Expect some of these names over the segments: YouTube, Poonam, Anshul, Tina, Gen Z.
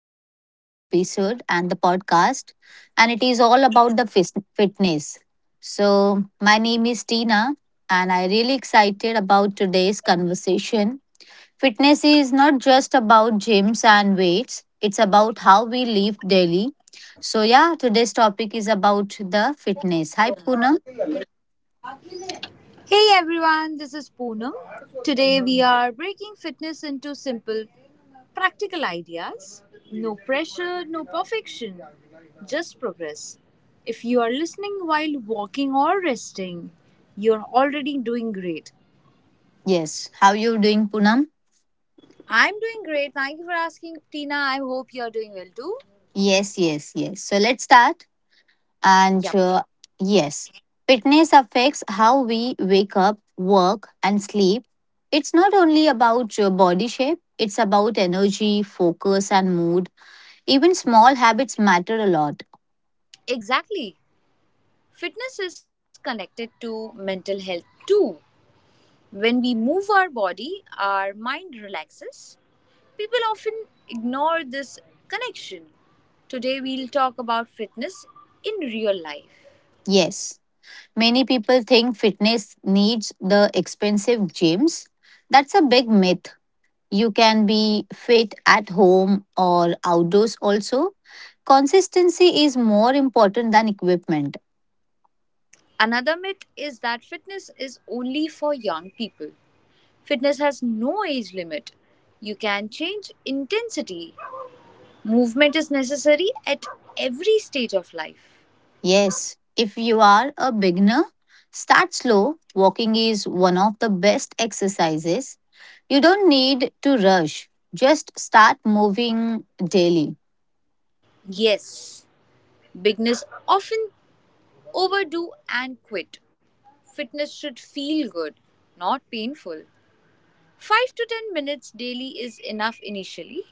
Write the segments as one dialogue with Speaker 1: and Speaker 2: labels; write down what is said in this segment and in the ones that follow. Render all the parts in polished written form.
Speaker 1: today's episode and the podcast, and it is all about the fitness. So my name is Tina, and I really excited about today's conversation. Fitness is not just about gyms and weights; it's about how we live daily. So yeah, today's topic is about the fitness. Hi Poonam.
Speaker 2: Hey everyone, this is Poonam. Today we are breaking fitness into simple, practical ideas. No pressure, no perfection, just progress. If you are listening while walking or resting, you're already doing great.
Speaker 1: Yes, how you doing, Poonam?
Speaker 2: I'm doing great. Thank you for asking, Tina. I hope you're doing well too.
Speaker 1: Yes, yes, yes. So let's start. And
Speaker 2: Yep,
Speaker 1: uh, yes, Fitness affects how we wake up, work, and sleep. It's not only about your body shape, it's about energy, focus, and mood. Even small habits matter a lot.
Speaker 2: exactly. Fitness is connected to mental health too. When we move our body, our mind relaxes. People often ignore this connection. Today, we'll talk about fitness in real life.
Speaker 1: Yes, many people think fitness needs the expensive gyms. That's a big myth. You can be fit at home or outdoors also. Consistency is more important than equipment.
Speaker 2: Another myth is that fitness is only for young people. Fitness has no age limit. You can change intensity. Movement is necessary at every stage of life.
Speaker 1: Yes, if you are a beginner, start slow. Walking is one of the best exercises. You don't need to rush, just start moving daily.
Speaker 2: Yes, beginners often overdo and quit. Fitness should feel good, not painful. 5 to 10 minutes daily is enough initially.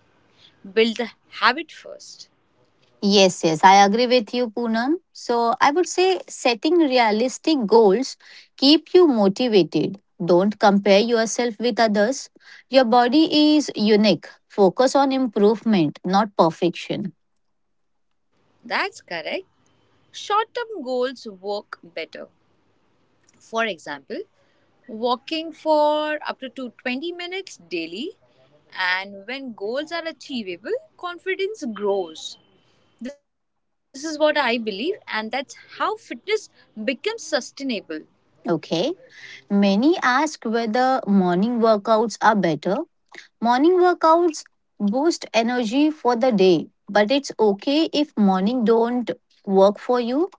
Speaker 2: Build the habit first.
Speaker 1: Yes, yes, I agree with you, Poonam. So I would say setting realistic goals keep you motivated. Don't compare yourself with others. Your body is unique. Focus on improvement, not perfection.
Speaker 2: That's correct. Short term goals work better. For example, walking for up to 20 minutes daily, and when goals are achievable, confidence grows. This is what I believe, and that's how fitness becomes sustainable.
Speaker 1: Okay. Many ask whether morning workouts are better. Morning workouts boost energy for the day, but it's okay if morning don't work for you.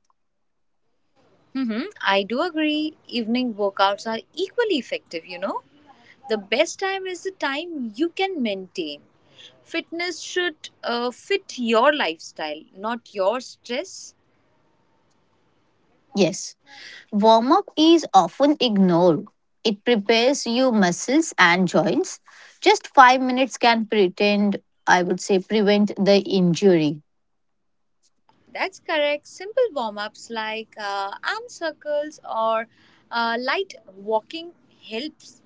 Speaker 2: Mm-hmm. I do agree. Evening workouts are equally effective. The best time is the time you can maintain. Fitness should fit your lifestyle, not your stress.
Speaker 1: Yes. Warm up is often ignored. It prepares you muscles and joints. Just 5 minutes can pretend I would say prevent the injury.
Speaker 2: That's correct. Simple warm ups like arm circles or light walking helps.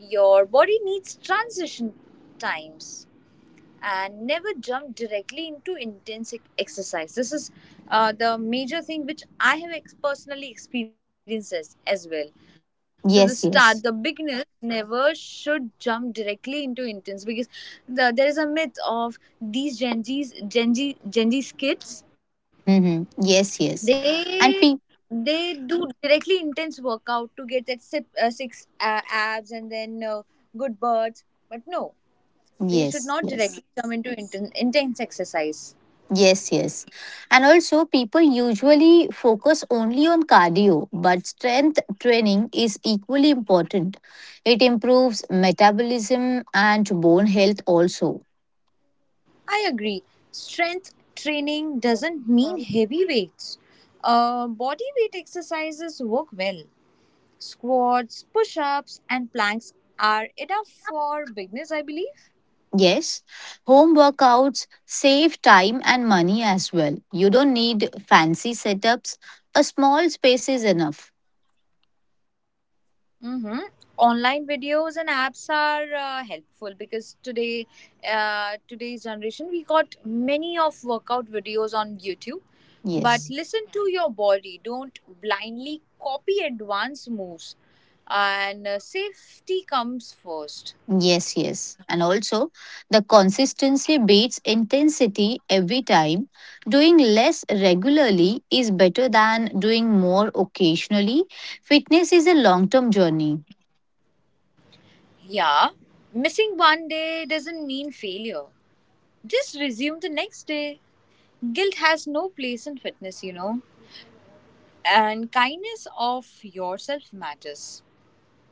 Speaker 2: Your body needs transition times. And never jump directly into intense exercise. This is the major thing which I have ex- personally experienced as well. So the
Speaker 1: Yes,
Speaker 2: beginners
Speaker 1: yes.
Speaker 2: never should jump directly into intense, because there is a myth of these Gen Z's kids.
Speaker 1: Mhm. Yes,
Speaker 2: They
Speaker 1: yes. And
Speaker 2: they
Speaker 1: pe-
Speaker 2: do directly intense workout to get that six abs and then good birds. But no, they should not
Speaker 1: yes,
Speaker 2: directly come
Speaker 1: yes.
Speaker 2: into intense exercise.
Speaker 1: Yes, yes. And also, people usually focus only on cardio, but strength training is equally important. It improves metabolism and bone health also.
Speaker 2: I agree. Strength training doesn't mean heavy weights. Body weight exercises work well. Squats, push ups, and planks are enough for beginners, I believe.
Speaker 1: Yes, home workouts save time and money as well. You don't need fancy setups, a small space is enough.
Speaker 2: Mm-hmm. Online videos and apps are helpful because today's generation, we got many of workout videos on YouTube. But
Speaker 1: Yes.
Speaker 2: listen to your body. Don't blindly copy advanced moves, and safety comes first.
Speaker 1: Yes, yes. And also, the consistency beats intensity every time. Doing less regularly is better than doing more occasionally. Fitness is a long term journey.
Speaker 2: Yeah, missing one day doesn't mean failure. Just resume the next day. Guilt has no place in fitness, and kindness of yourself matters.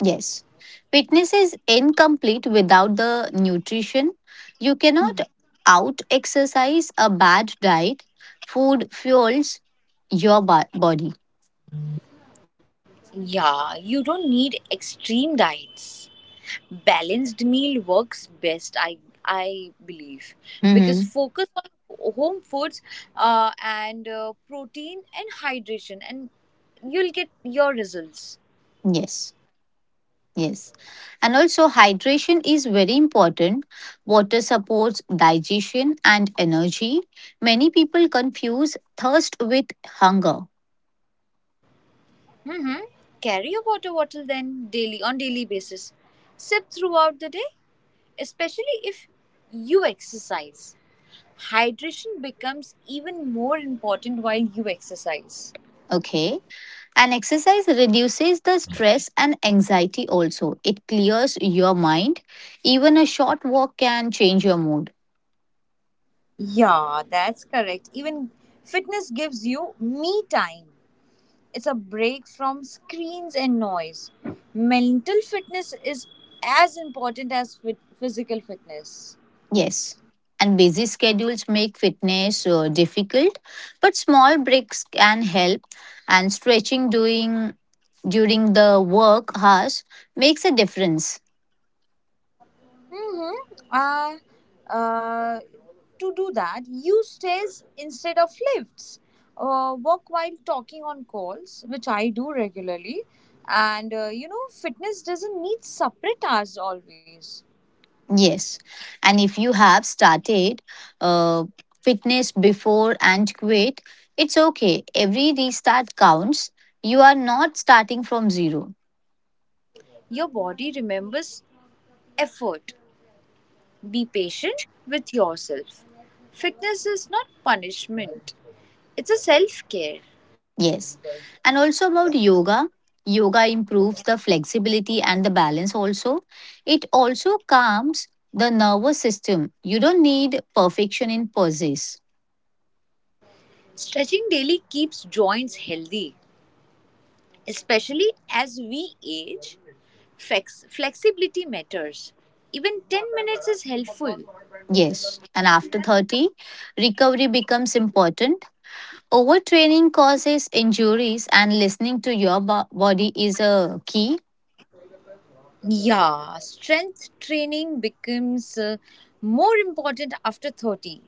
Speaker 1: Yes. Fitness is incomplete without the nutrition. You cannot out exercise a bad diet. Food fuels your body.
Speaker 2: Yeah, you don't need extreme diets. Balanced meal works best, I believe, because
Speaker 1: Mhm.
Speaker 2: focus on home foods, and protein and hydration, and you'll get your results.
Speaker 1: Yes. Yes. And also, hydration is very important. Water supports digestion and energy. Many people confuse thirst with hunger.
Speaker 2: Mm-hmm. Carry a water bottle then daily on daily basis. Sip throughout the day, especially if you exercise. Hydration becomes even more important while you exercise.
Speaker 1: Okay. And exercise reduces the stress and anxiety also. It clears your mind. Even a short walk can change your mood.
Speaker 2: Yeah, that's correct. Even fitness gives you me time. It's a break from screens and noise. Mental fitness is as important as physical fitness.
Speaker 1: Yes. And busy schedules make fitness difficult, but small breaks can help. And stretching doing during the work hours makes a difference.
Speaker 2: Mm-hmm. To do that, use stairs instead of lifts. Walk while talking on calls, which I do regularly. And fitness doesn't need separate hours always.
Speaker 1: Yes. And if you have started uh, fitness before and quit, it's okay. Every restart counts. You are not starting from zero.
Speaker 2: Your body remembers effort. Be patient with yourself. Fitness is not punishment, it's a self care.
Speaker 1: Yes. And also about yoga. Yoga improves the flexibility and the balance also. It also calms the nervous system. You don't need perfection in poses.
Speaker 2: Stretching daily keeps joints healthy, especially as we age. Flexibility matters. Even 10 minutes is helpful.
Speaker 1: Yes. And after 30, recovery becomes important. Overtraining causes injuries and listening to your body is a key.
Speaker 2: Yeah, strength training becomes more important after 30.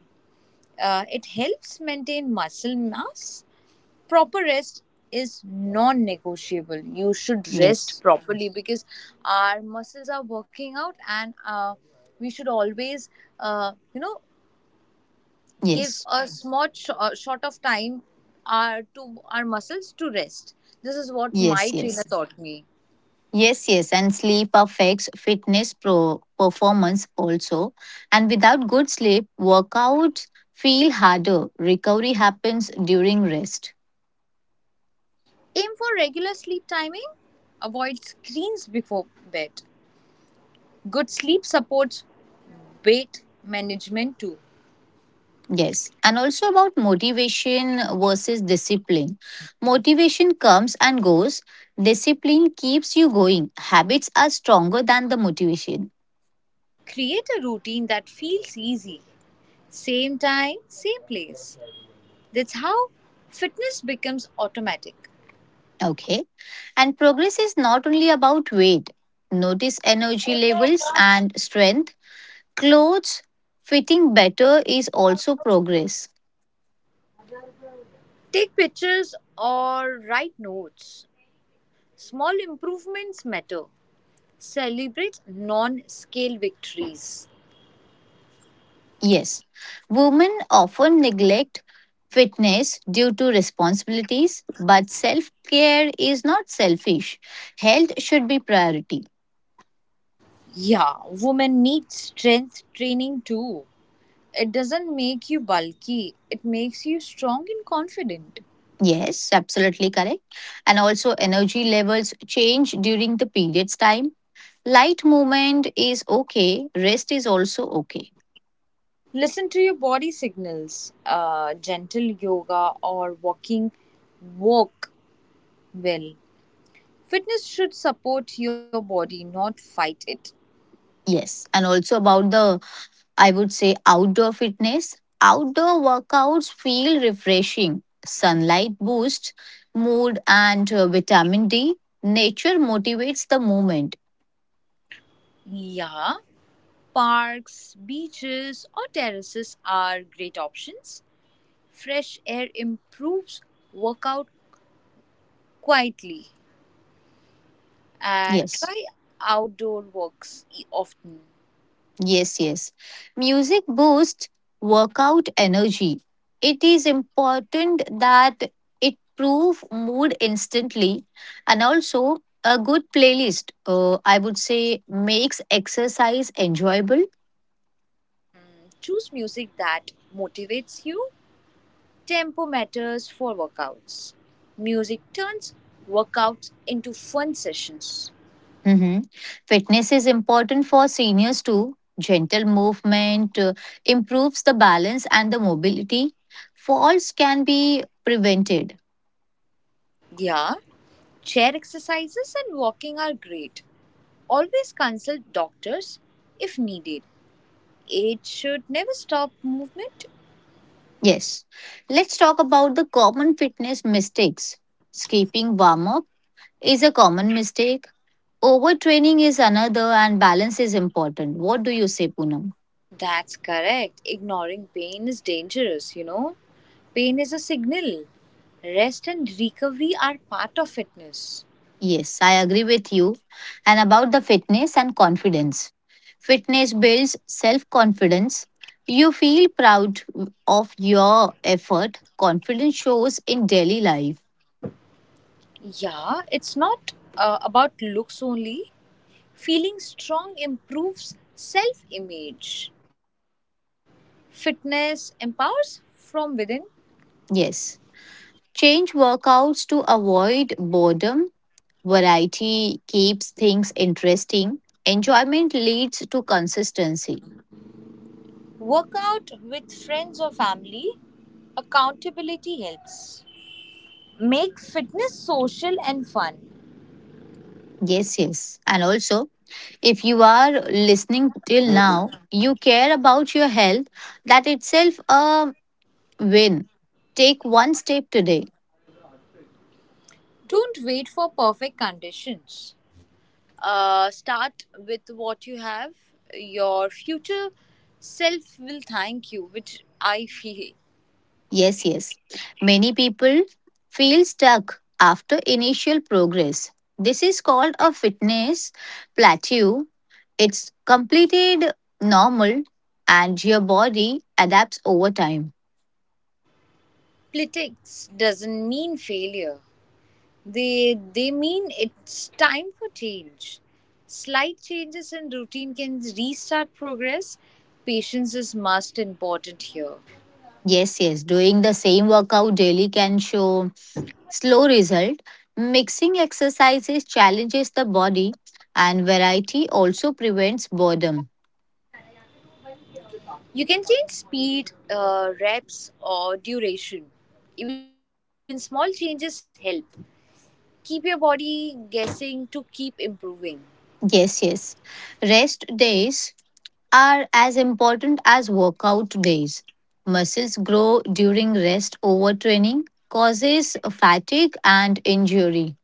Speaker 2: It helps maintain muscle mass. Proper rest is non-negotiable. You should rest
Speaker 1: Yes.
Speaker 2: properly, because our muscles are working out, and we should always uh, you know give
Speaker 1: Yes.
Speaker 2: a small short of time to our muscles to rest. This is what my
Speaker 1: Yes.
Speaker 2: trainer
Speaker 1: Yes.
Speaker 2: taught me.
Speaker 1: Yes, yes, and sleep affects fitness performance also. And without good sleep, workouts feel harder. Recovery happens during rest.
Speaker 2: Aim for regular sleep timing. Avoid screens before bed. Good sleep supports weight management too.
Speaker 1: Yes, and also about motivation versus discipline. Motivation comes and goes, discipline keeps you going. Habits are stronger than the motivation.
Speaker 2: Create a routine that feels easy. Same time, same place. That's how fitness becomes automatic.
Speaker 1: Okay, and progress is not only about weight, notice energy levels and strength. Clothes fitting better is also progress.
Speaker 2: Take pictures or write notes. Small improvements matter. Celebrate non scale victories.
Speaker 1: Yes, women often neglect fitness due to responsibilities, but self care is not selfish. Health should be priority.
Speaker 2: Yeah, women need strength training too. It doesn't make you bulky, it makes you strong and confident.
Speaker 1: Yes, absolutely correct. And also, energy levels change during the period's time. Light movement is okay, rest is also okay.
Speaker 2: Listen to your body signals. Gentle yoga or walking work well. Fitness should support your body, not fight it.
Speaker 1: Yes, and also about the I would say outdoor fitness. Outdoor workouts feel refreshing. Sunlight boosts mood and vitamin D. Nature motivates the movement.
Speaker 2: Yeah, parks, beaches, or terraces are great options. Fresh air improves workout quietly, and
Speaker 1: Yes,
Speaker 2: try outdoor walks often.
Speaker 1: yes, yes. Music boosts workout energy. It is important that it prove mood instantly and also a good playlist I would say makes exercise enjoyable.
Speaker 2: Choose music that motivates you. Tempo matters for workouts. Music turns workouts into fun sessions.
Speaker 1: Mhm. Fitness is important for seniors too. Gentle movement improves the balance and the mobility. Falls can be prevented.
Speaker 2: Yeah, chair exercises and walking are great. Always consult doctors if needed. It should never stop movement.
Speaker 1: Yes. Let's talk about the common fitness mistakes. Skipping warm up is a common mistake. Overtraining is another, and balance is important. What do you say, Poonam?
Speaker 2: That's correct. Ignoring pain is dangerous. Pain is a signal. Rest and recovery are part of fitness.
Speaker 1: Yes, I agree with you. And about the fitness and confidence. Fitness builds self confidence. You feel proud of your effort. Confidence shows in daily life.
Speaker 2: Yeah, it's not about looks only. Feeling strong improves self image. Fitness empowers from within.
Speaker 1: Yes. Change workouts to avoid boredom. Variety keeps things interesting. Enjoyment leads to consistency.
Speaker 2: Work out with friends or family. Accountability helps. Make fitness social and fun.
Speaker 1: Yes, yes. And also, if you are listening till now, you care about your health. That itself a win. Take one step today.
Speaker 2: Don't wait for perfect conditions. Start with what you have. Your future self will thank you, which I feel.
Speaker 1: Yes, yes. Many people feel stuck after initial progress. This is called a fitness plateau. It's completed normal and your body adapts over time.
Speaker 2: Politics doesn't mean failure. They mean it's time for change. Slight changes in routine can restart progress. Patience is must important here.
Speaker 1: Yes, yes. Doing the same workout daily can show slow result. Mixing exercises challenges the body and variety also prevents boredom.
Speaker 2: You can change speed, reps, or duration. Even small changes help. Keep your body guessing to keep improving.
Speaker 1: Yes, yes. Rest days are as important as workout days. Muscles grow during rest overtraining, causes fatigue and injury.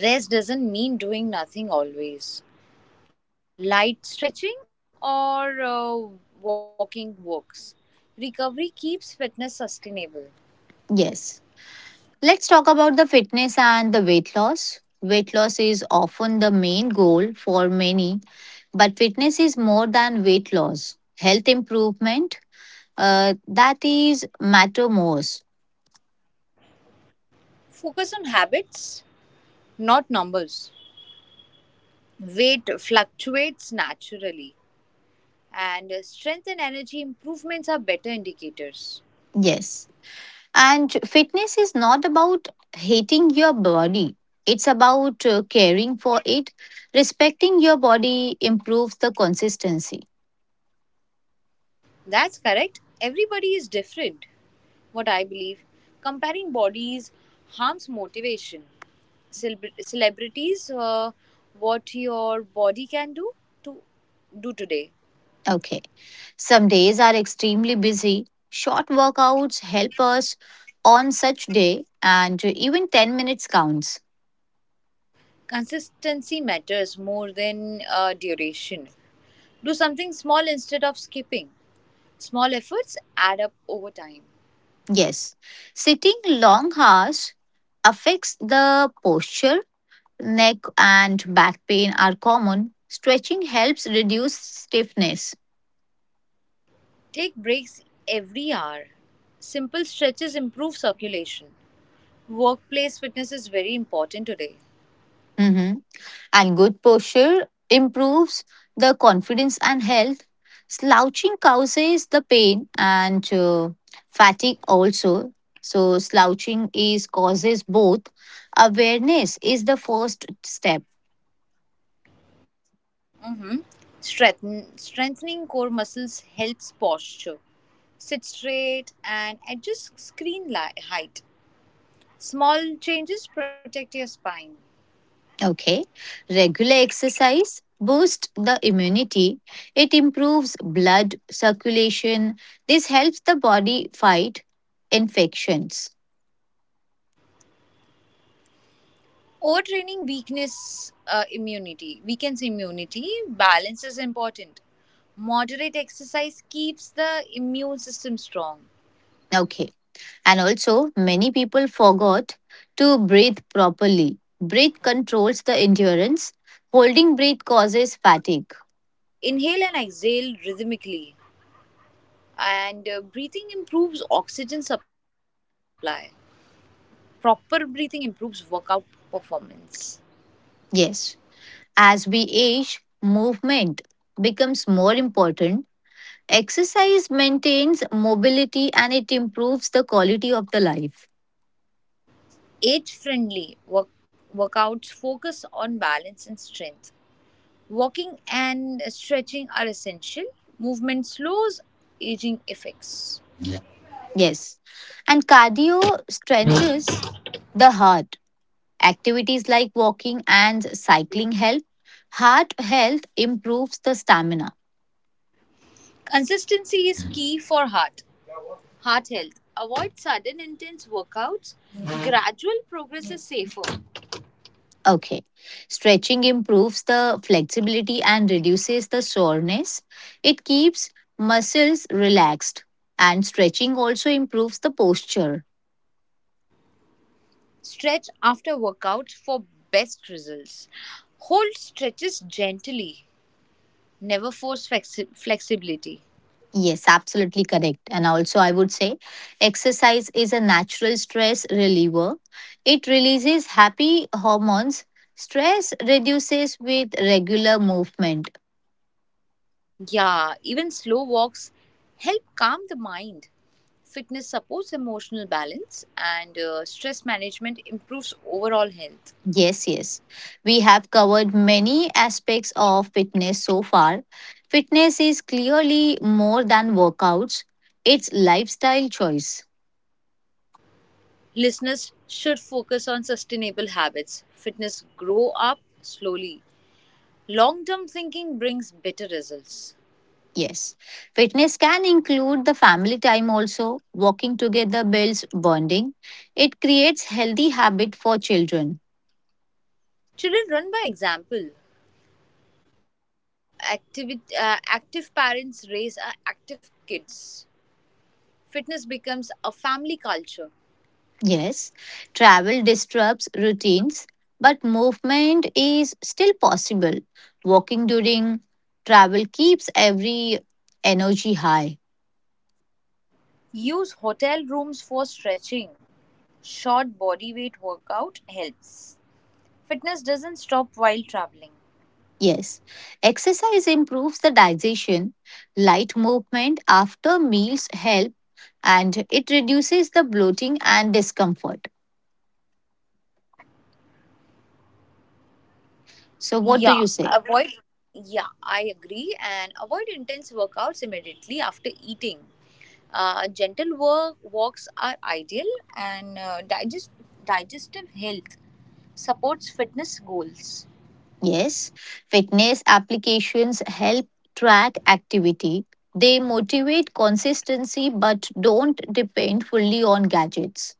Speaker 2: Rest doesn't mean doing nothing always. Light stretching or walking works. Recovery keeps fitness sustainable.
Speaker 1: Yes. Let's talk about the fitness and the weight loss. Weight loss is often the main goal for many, but fitness is more than weight loss. Health improvement, that is matter most.
Speaker 2: Focus on habits, not numbers. Weight fluctuates naturally, and strength and energy improvements are better indicators.
Speaker 1: Yes. And fitness is not about hating your body. It's about caring for it. Respecting your body improves the consistency.
Speaker 2: That's correct. Everybody is different. What I believe, comparing bodies harms motivation. Celebrities, what your body can do to do today.
Speaker 1: Okay. Some days are extremely busy. Short workouts help us on such day and even 10 minutes counts.
Speaker 2: Consistency matters more than duration. Do something small instead of skipping. Small efforts add up over time.
Speaker 1: Yes. Sitting long hours affects the posture. Neck and back pain are common. Stretching helps reduce stiffness.
Speaker 2: Take breaks every hour. Simple stretches improve circulation. Workplace fitness is very important today.
Speaker 1: Mhm. And good posture improves the confidence and health. Slouching causes the pain and fatigue also. So slouching is causes both. Awareness is the first step.
Speaker 2: Strengthening core muscles helps posture. Sit straight and adjust screen height. Small changes protect your spine.
Speaker 1: Okay. Regular exercise boosts the immunity. It improves blood circulation. This helps the body fight infections.
Speaker 2: Overtraining weakness immunity weakens immunity. Balance is important. Moderate exercise keeps the immune system strong.
Speaker 1: Okay. And also, many people forgot to breathe properly. Breath controls the endurance. Holding breath causes fatigue.
Speaker 2: Inhale and exhale rhythmically, and breathing improves oxygen supply. Proper breathing improves workout performance.
Speaker 1: Yes, as we age, movement becomes more important. Exercise maintains mobility and it improves the quality of the life.
Speaker 2: Age friendly workouts focus on balance and strength. Walking and stretching are essential. Movement slows aging effects.
Speaker 1: Yes. And cardio strengthens the heart. Activities like walking and cycling help. Heart health improves the stamina.
Speaker 2: Consistency is key for heart health. Avoid sudden intense workouts. Gradual progress is safer.
Speaker 1: Okay. Stretching improves the flexibility and reduces the soreness. It keeps muscles relaxed. And stretching also improves the posture.
Speaker 2: Stretch after workout for best results. Hold stretches gently. Never force flexibility.
Speaker 1: Yes, absolutely correct. And also, I would say exercise is a natural stress reliever. It releases happy hormones. Stress reduces with regular movement.
Speaker 2: Yeah, even slow walks help calm the mind. Fitness supports emotional balance, and stress management improves overall health.
Speaker 1: Yes, yes. We have covered many aspects of fitness so far. Fitness is clearly more than workouts, it's lifestyle choice.
Speaker 2: Listeners should focus on sustainable habits. Fitness grow up slowly. Long term thinking brings better results.
Speaker 1: Yes. Fitness can include the family time also. Walking together builds bonding. It creates healthy habit for children.
Speaker 2: Children run by example. Active, active parents raise active kids. Fitness becomes a family culture.
Speaker 1: Yes. Travel disrupts routines, but movement is still possible. Walking during travel keeps every energy high.
Speaker 2: Use hotel rooms for stretching. Short body weight workout helps. Fitness doesn't stop while traveling.
Speaker 1: Yes, exercise improves the digestion. Light movement after meals help and it reduces the bloating and discomfort. So what
Speaker 2: Yeah,
Speaker 1: do you say?
Speaker 2: avoid. Yeah, I agree. And avoid intense workouts immediately after eating. Gentle walks are ideal, and digestive health supports fitness goals.
Speaker 1: Yes, fitness applications help track activity. They motivate consistency but don't depend fully on gadgets.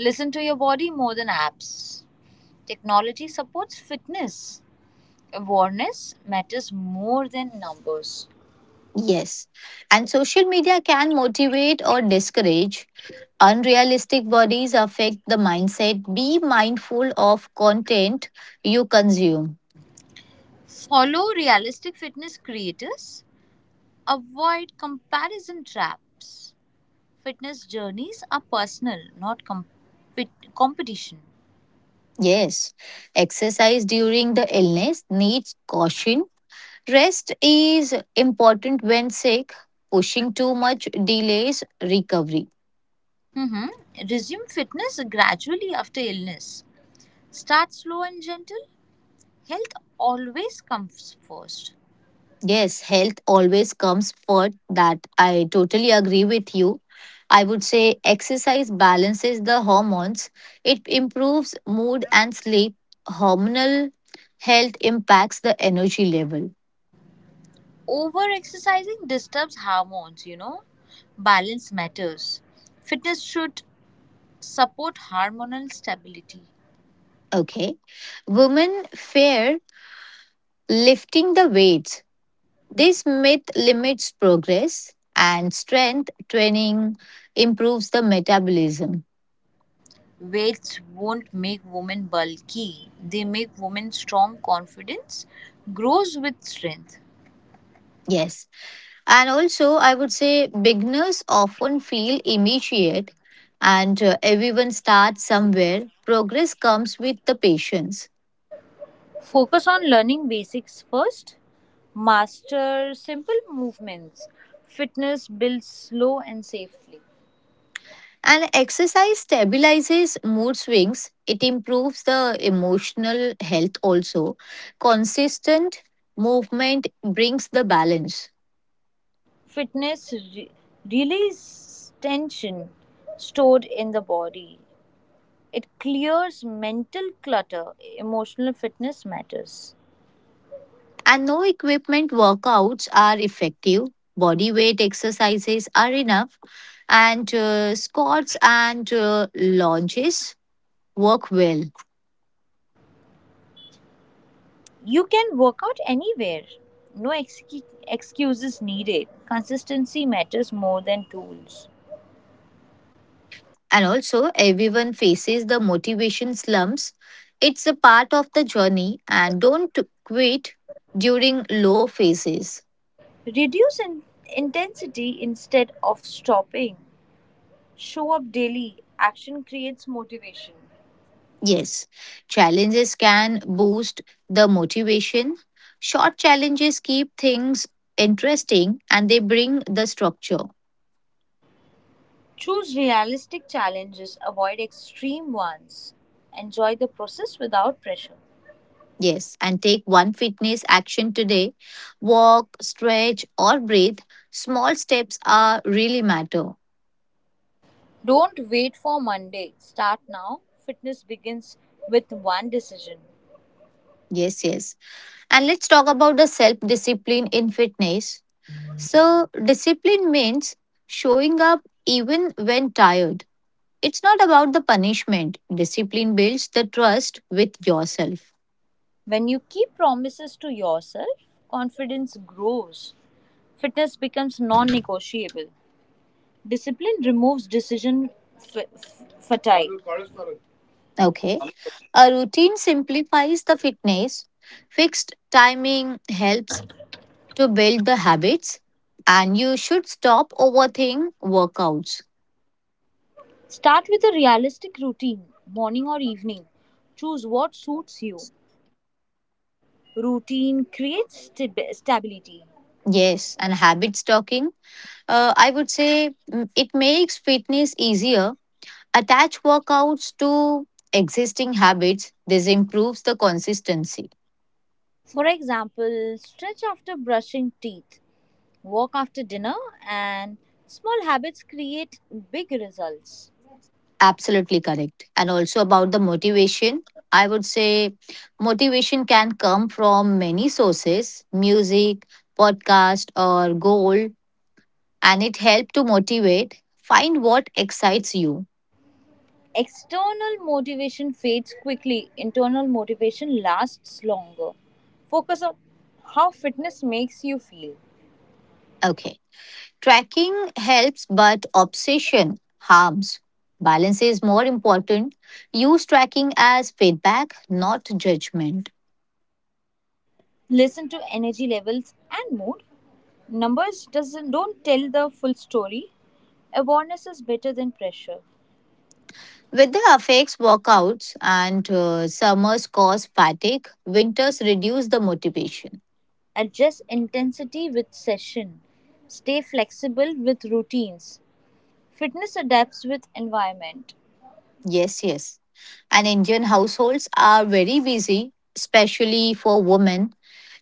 Speaker 2: Listen to your body more than apps. Technology supports fitness. Awareness matters more than numbers.
Speaker 1: Yes, and social media can motivate or discourage. Unrealistic bodies affect the mindset. Be mindful of content you consume.
Speaker 2: Follow realistic fitness creators. Avoid comparison traps. Fitness journeys are personal, not competition.
Speaker 1: Yes, exercise during the illness needs caution. Rest is important when sick. Pushing too much delays recovery.
Speaker 2: hmm Resume fitness gradually after illness. Start slow and gentle. Health always comes first.
Speaker 1: Yes, health always comes first. That I totally agree with you. I would say exercise balances the hormones, it improves mood and sleep. Hormonal health impacts the energy level.
Speaker 2: Over exercising disturbs hormones. Balance matters. Fitness should support hormonal stability.
Speaker 1: Okay. Women fear lifting the weights. This myth limits progress and strength training improves the metabolism.
Speaker 2: Weights won't make women bulky, they make women strong. Confidence grows with strength.
Speaker 1: Yes. And also, I would say beginners often feel immediate, and everyone starts somewhere. Progress comes with the patience.
Speaker 2: Focus on learning basics first. Master simple movements. Fitness builds slow and safely.
Speaker 1: And exercise stabilizes mood swings, it improves the emotional health also. Consistent movement brings the balance.
Speaker 2: Fitness releases tension stored in the body. It clears mental clutter. Emotional fitness matters.
Speaker 1: And no equipment workouts are effective. Body weight exercises are enough. And squats and lunges work well.
Speaker 2: You can work out anywhere. No excuses needed. Consistency matters more than tools.
Speaker 1: And also, everyone faces the motivation slumps. It's a part of the journey, and don't quit during low phases.
Speaker 2: Reduce intensity instead of stopping. Show up daily. Action creates motivation.
Speaker 1: Yes, challenges can boost the motivation. Short challenges keep things interesting and they bring the structure.
Speaker 2: Choose realistic challenges, avoid extreme ones. Enjoy the process without pressure.
Speaker 1: Yes, and take one fitness action today walk, stretch, or breathe. Small steps are really matter.
Speaker 2: Don't wait for Monday. Start now. Fitness begins with one decision.
Speaker 1: Yes, yes. And let's talk about the self discipline in fitness. So, discipline means showing up even when tired. It's not about the punishment. Discipline builds the trust with yourself.
Speaker 2: When you keep promises to yourself, confidence grows. Fitness becomes non negotiable. Discipline removes decision fatigue.
Speaker 1: Okay. A routine simplifies the fitness. Fixed timing helps to build the habits. And you should stop overthink workouts.
Speaker 2: Start with a realistic routine, morning or evening. Choose what suits you. Routine creates stability.
Speaker 1: Yes. And habit stocking. I would say mm, It makes fitness easier. Attach workouts to existing habits. This improves the consistency.
Speaker 2: For example, stretch after brushing teeth, walk after dinner, and small habits create big results.
Speaker 1: Absolutely correct. And also about the motivation, I would say motivation can come from many sources music, podcast, or goal, and it helps to motivate. Find what excites you.
Speaker 2: External motivation fades quickly, internal motivation lasts longer. Focus on how fitness makes you feel.
Speaker 1: Okay. Tracking helps, but obsession harms. Balance is more important. Use tracking as feedback, not judgment.
Speaker 2: Listen to energy levels and mood. Numbers doesn't don't tell the full story. Awareness is better than pressure.
Speaker 1: With the affects workouts and summers cause fatigue, winters reduce the motivation.
Speaker 2: Adjust intensity with session. Stay flexible with routines. Fitness adapts with environment.
Speaker 1: Yes, yes. And Indian households are very busy, especially for women.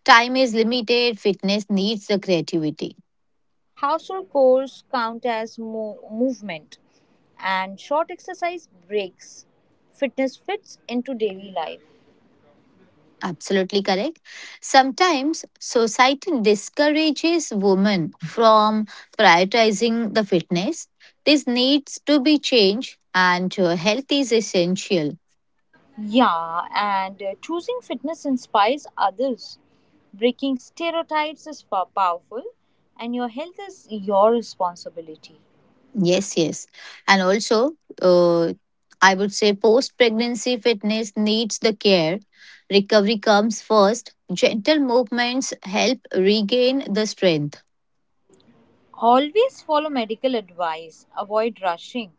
Speaker 1: Time is limited, fitness needs the creativity.
Speaker 2: Household chores count as movement and short exercise breaks. Fitness fits into daily life.
Speaker 1: Absolutely correct. Sometimes society discourages women from prioritizing the fitness. This needs to be changed, and health is essential.
Speaker 2: Yeah, and choosing fitness inspires others. Breaking stereotypes is powerful, and your health is your responsibility.
Speaker 1: Yes, yes. And also, uh, I would say post pregnancy fitness needs the care. Recovery comes first. Gentle movements help regain the strength.
Speaker 2: Always follow medical advice, avoid rushing.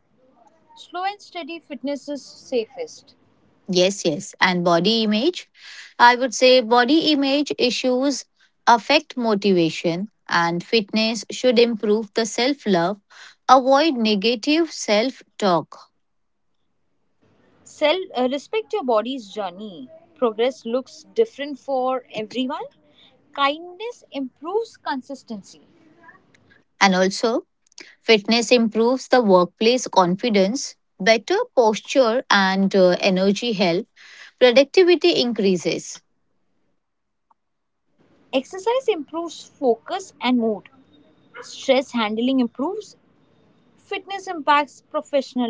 Speaker 2: Slow and steady fitness is safest.
Speaker 1: Yes, yes. And body image. I would say body image issues affect motivation, and fitness should improve the self love, avoid negative self talk.
Speaker 2: Respect your body's journey. Progress looks different for everyone. Kindness improves consistency.
Speaker 1: And also, fitness improves the workplace confidence, better posture and energy health, productivity increases.
Speaker 2: Exercise improves focus and mood. Stress handling improves. Fitness impacts professional life.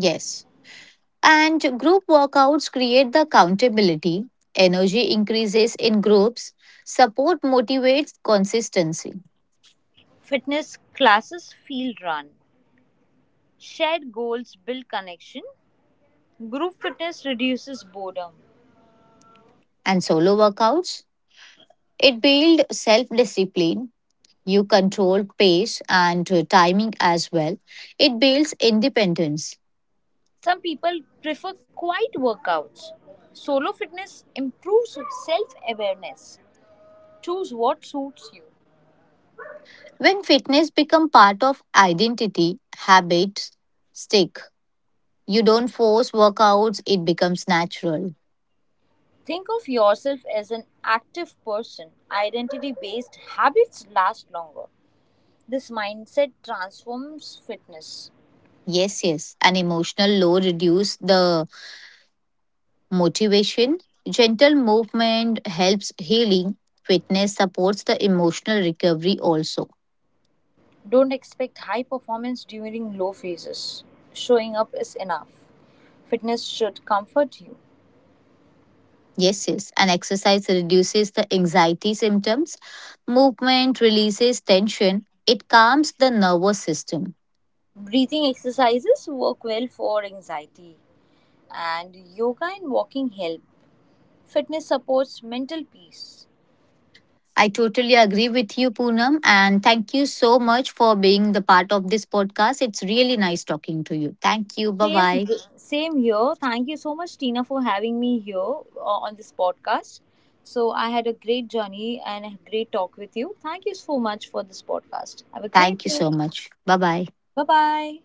Speaker 1: Yes. And group workouts create the accountability, energy increases in groups, support motivates consistency.
Speaker 2: Fitness classes feel run. Shared goals build connection. Group fitness reduces boredom.
Speaker 1: And solo workouts, it builds self discipline. You control pace and timing as well. It builds independence.
Speaker 2: Some people prefer quiet workouts. Solo fitness improves self awareness. Choose what suits you.
Speaker 1: When fitness become part of identity, habits stick. You don't force workouts, it becomes natural.
Speaker 2: Think of yourself as an active person. Identity based habits last longer. This mindset transforms fitness.
Speaker 1: Yes, yes. An emotional low reduce the motivation. Gentle movement helps healing. Fitness supports the emotional recovery also.
Speaker 2: Don't expect high performance during low phases. Showing up is enough. Fitness should comfort you.
Speaker 1: Yes, yes. And exercise reduces the anxiety symptoms. Movement releases tension. It calms the nervous system.
Speaker 2: Breathing exercises work well for anxiety, and yoga and walking help. Fitness supports mental peace.
Speaker 1: I totally agree with you, Poonam, and thank you so much for being the part of this podcast. It's really nice talking to you. Thank you. Bye
Speaker 2: Same,
Speaker 1: bye.
Speaker 2: same here. Thank you so much, Tina, for having me here on this podcast. So, I had a great journey and a great talk with you. Thank you so much for this podcast. Have a
Speaker 1: Thank
Speaker 2: great
Speaker 1: you
Speaker 2: day.
Speaker 1: so much. Bye bye.
Speaker 2: Bye bye.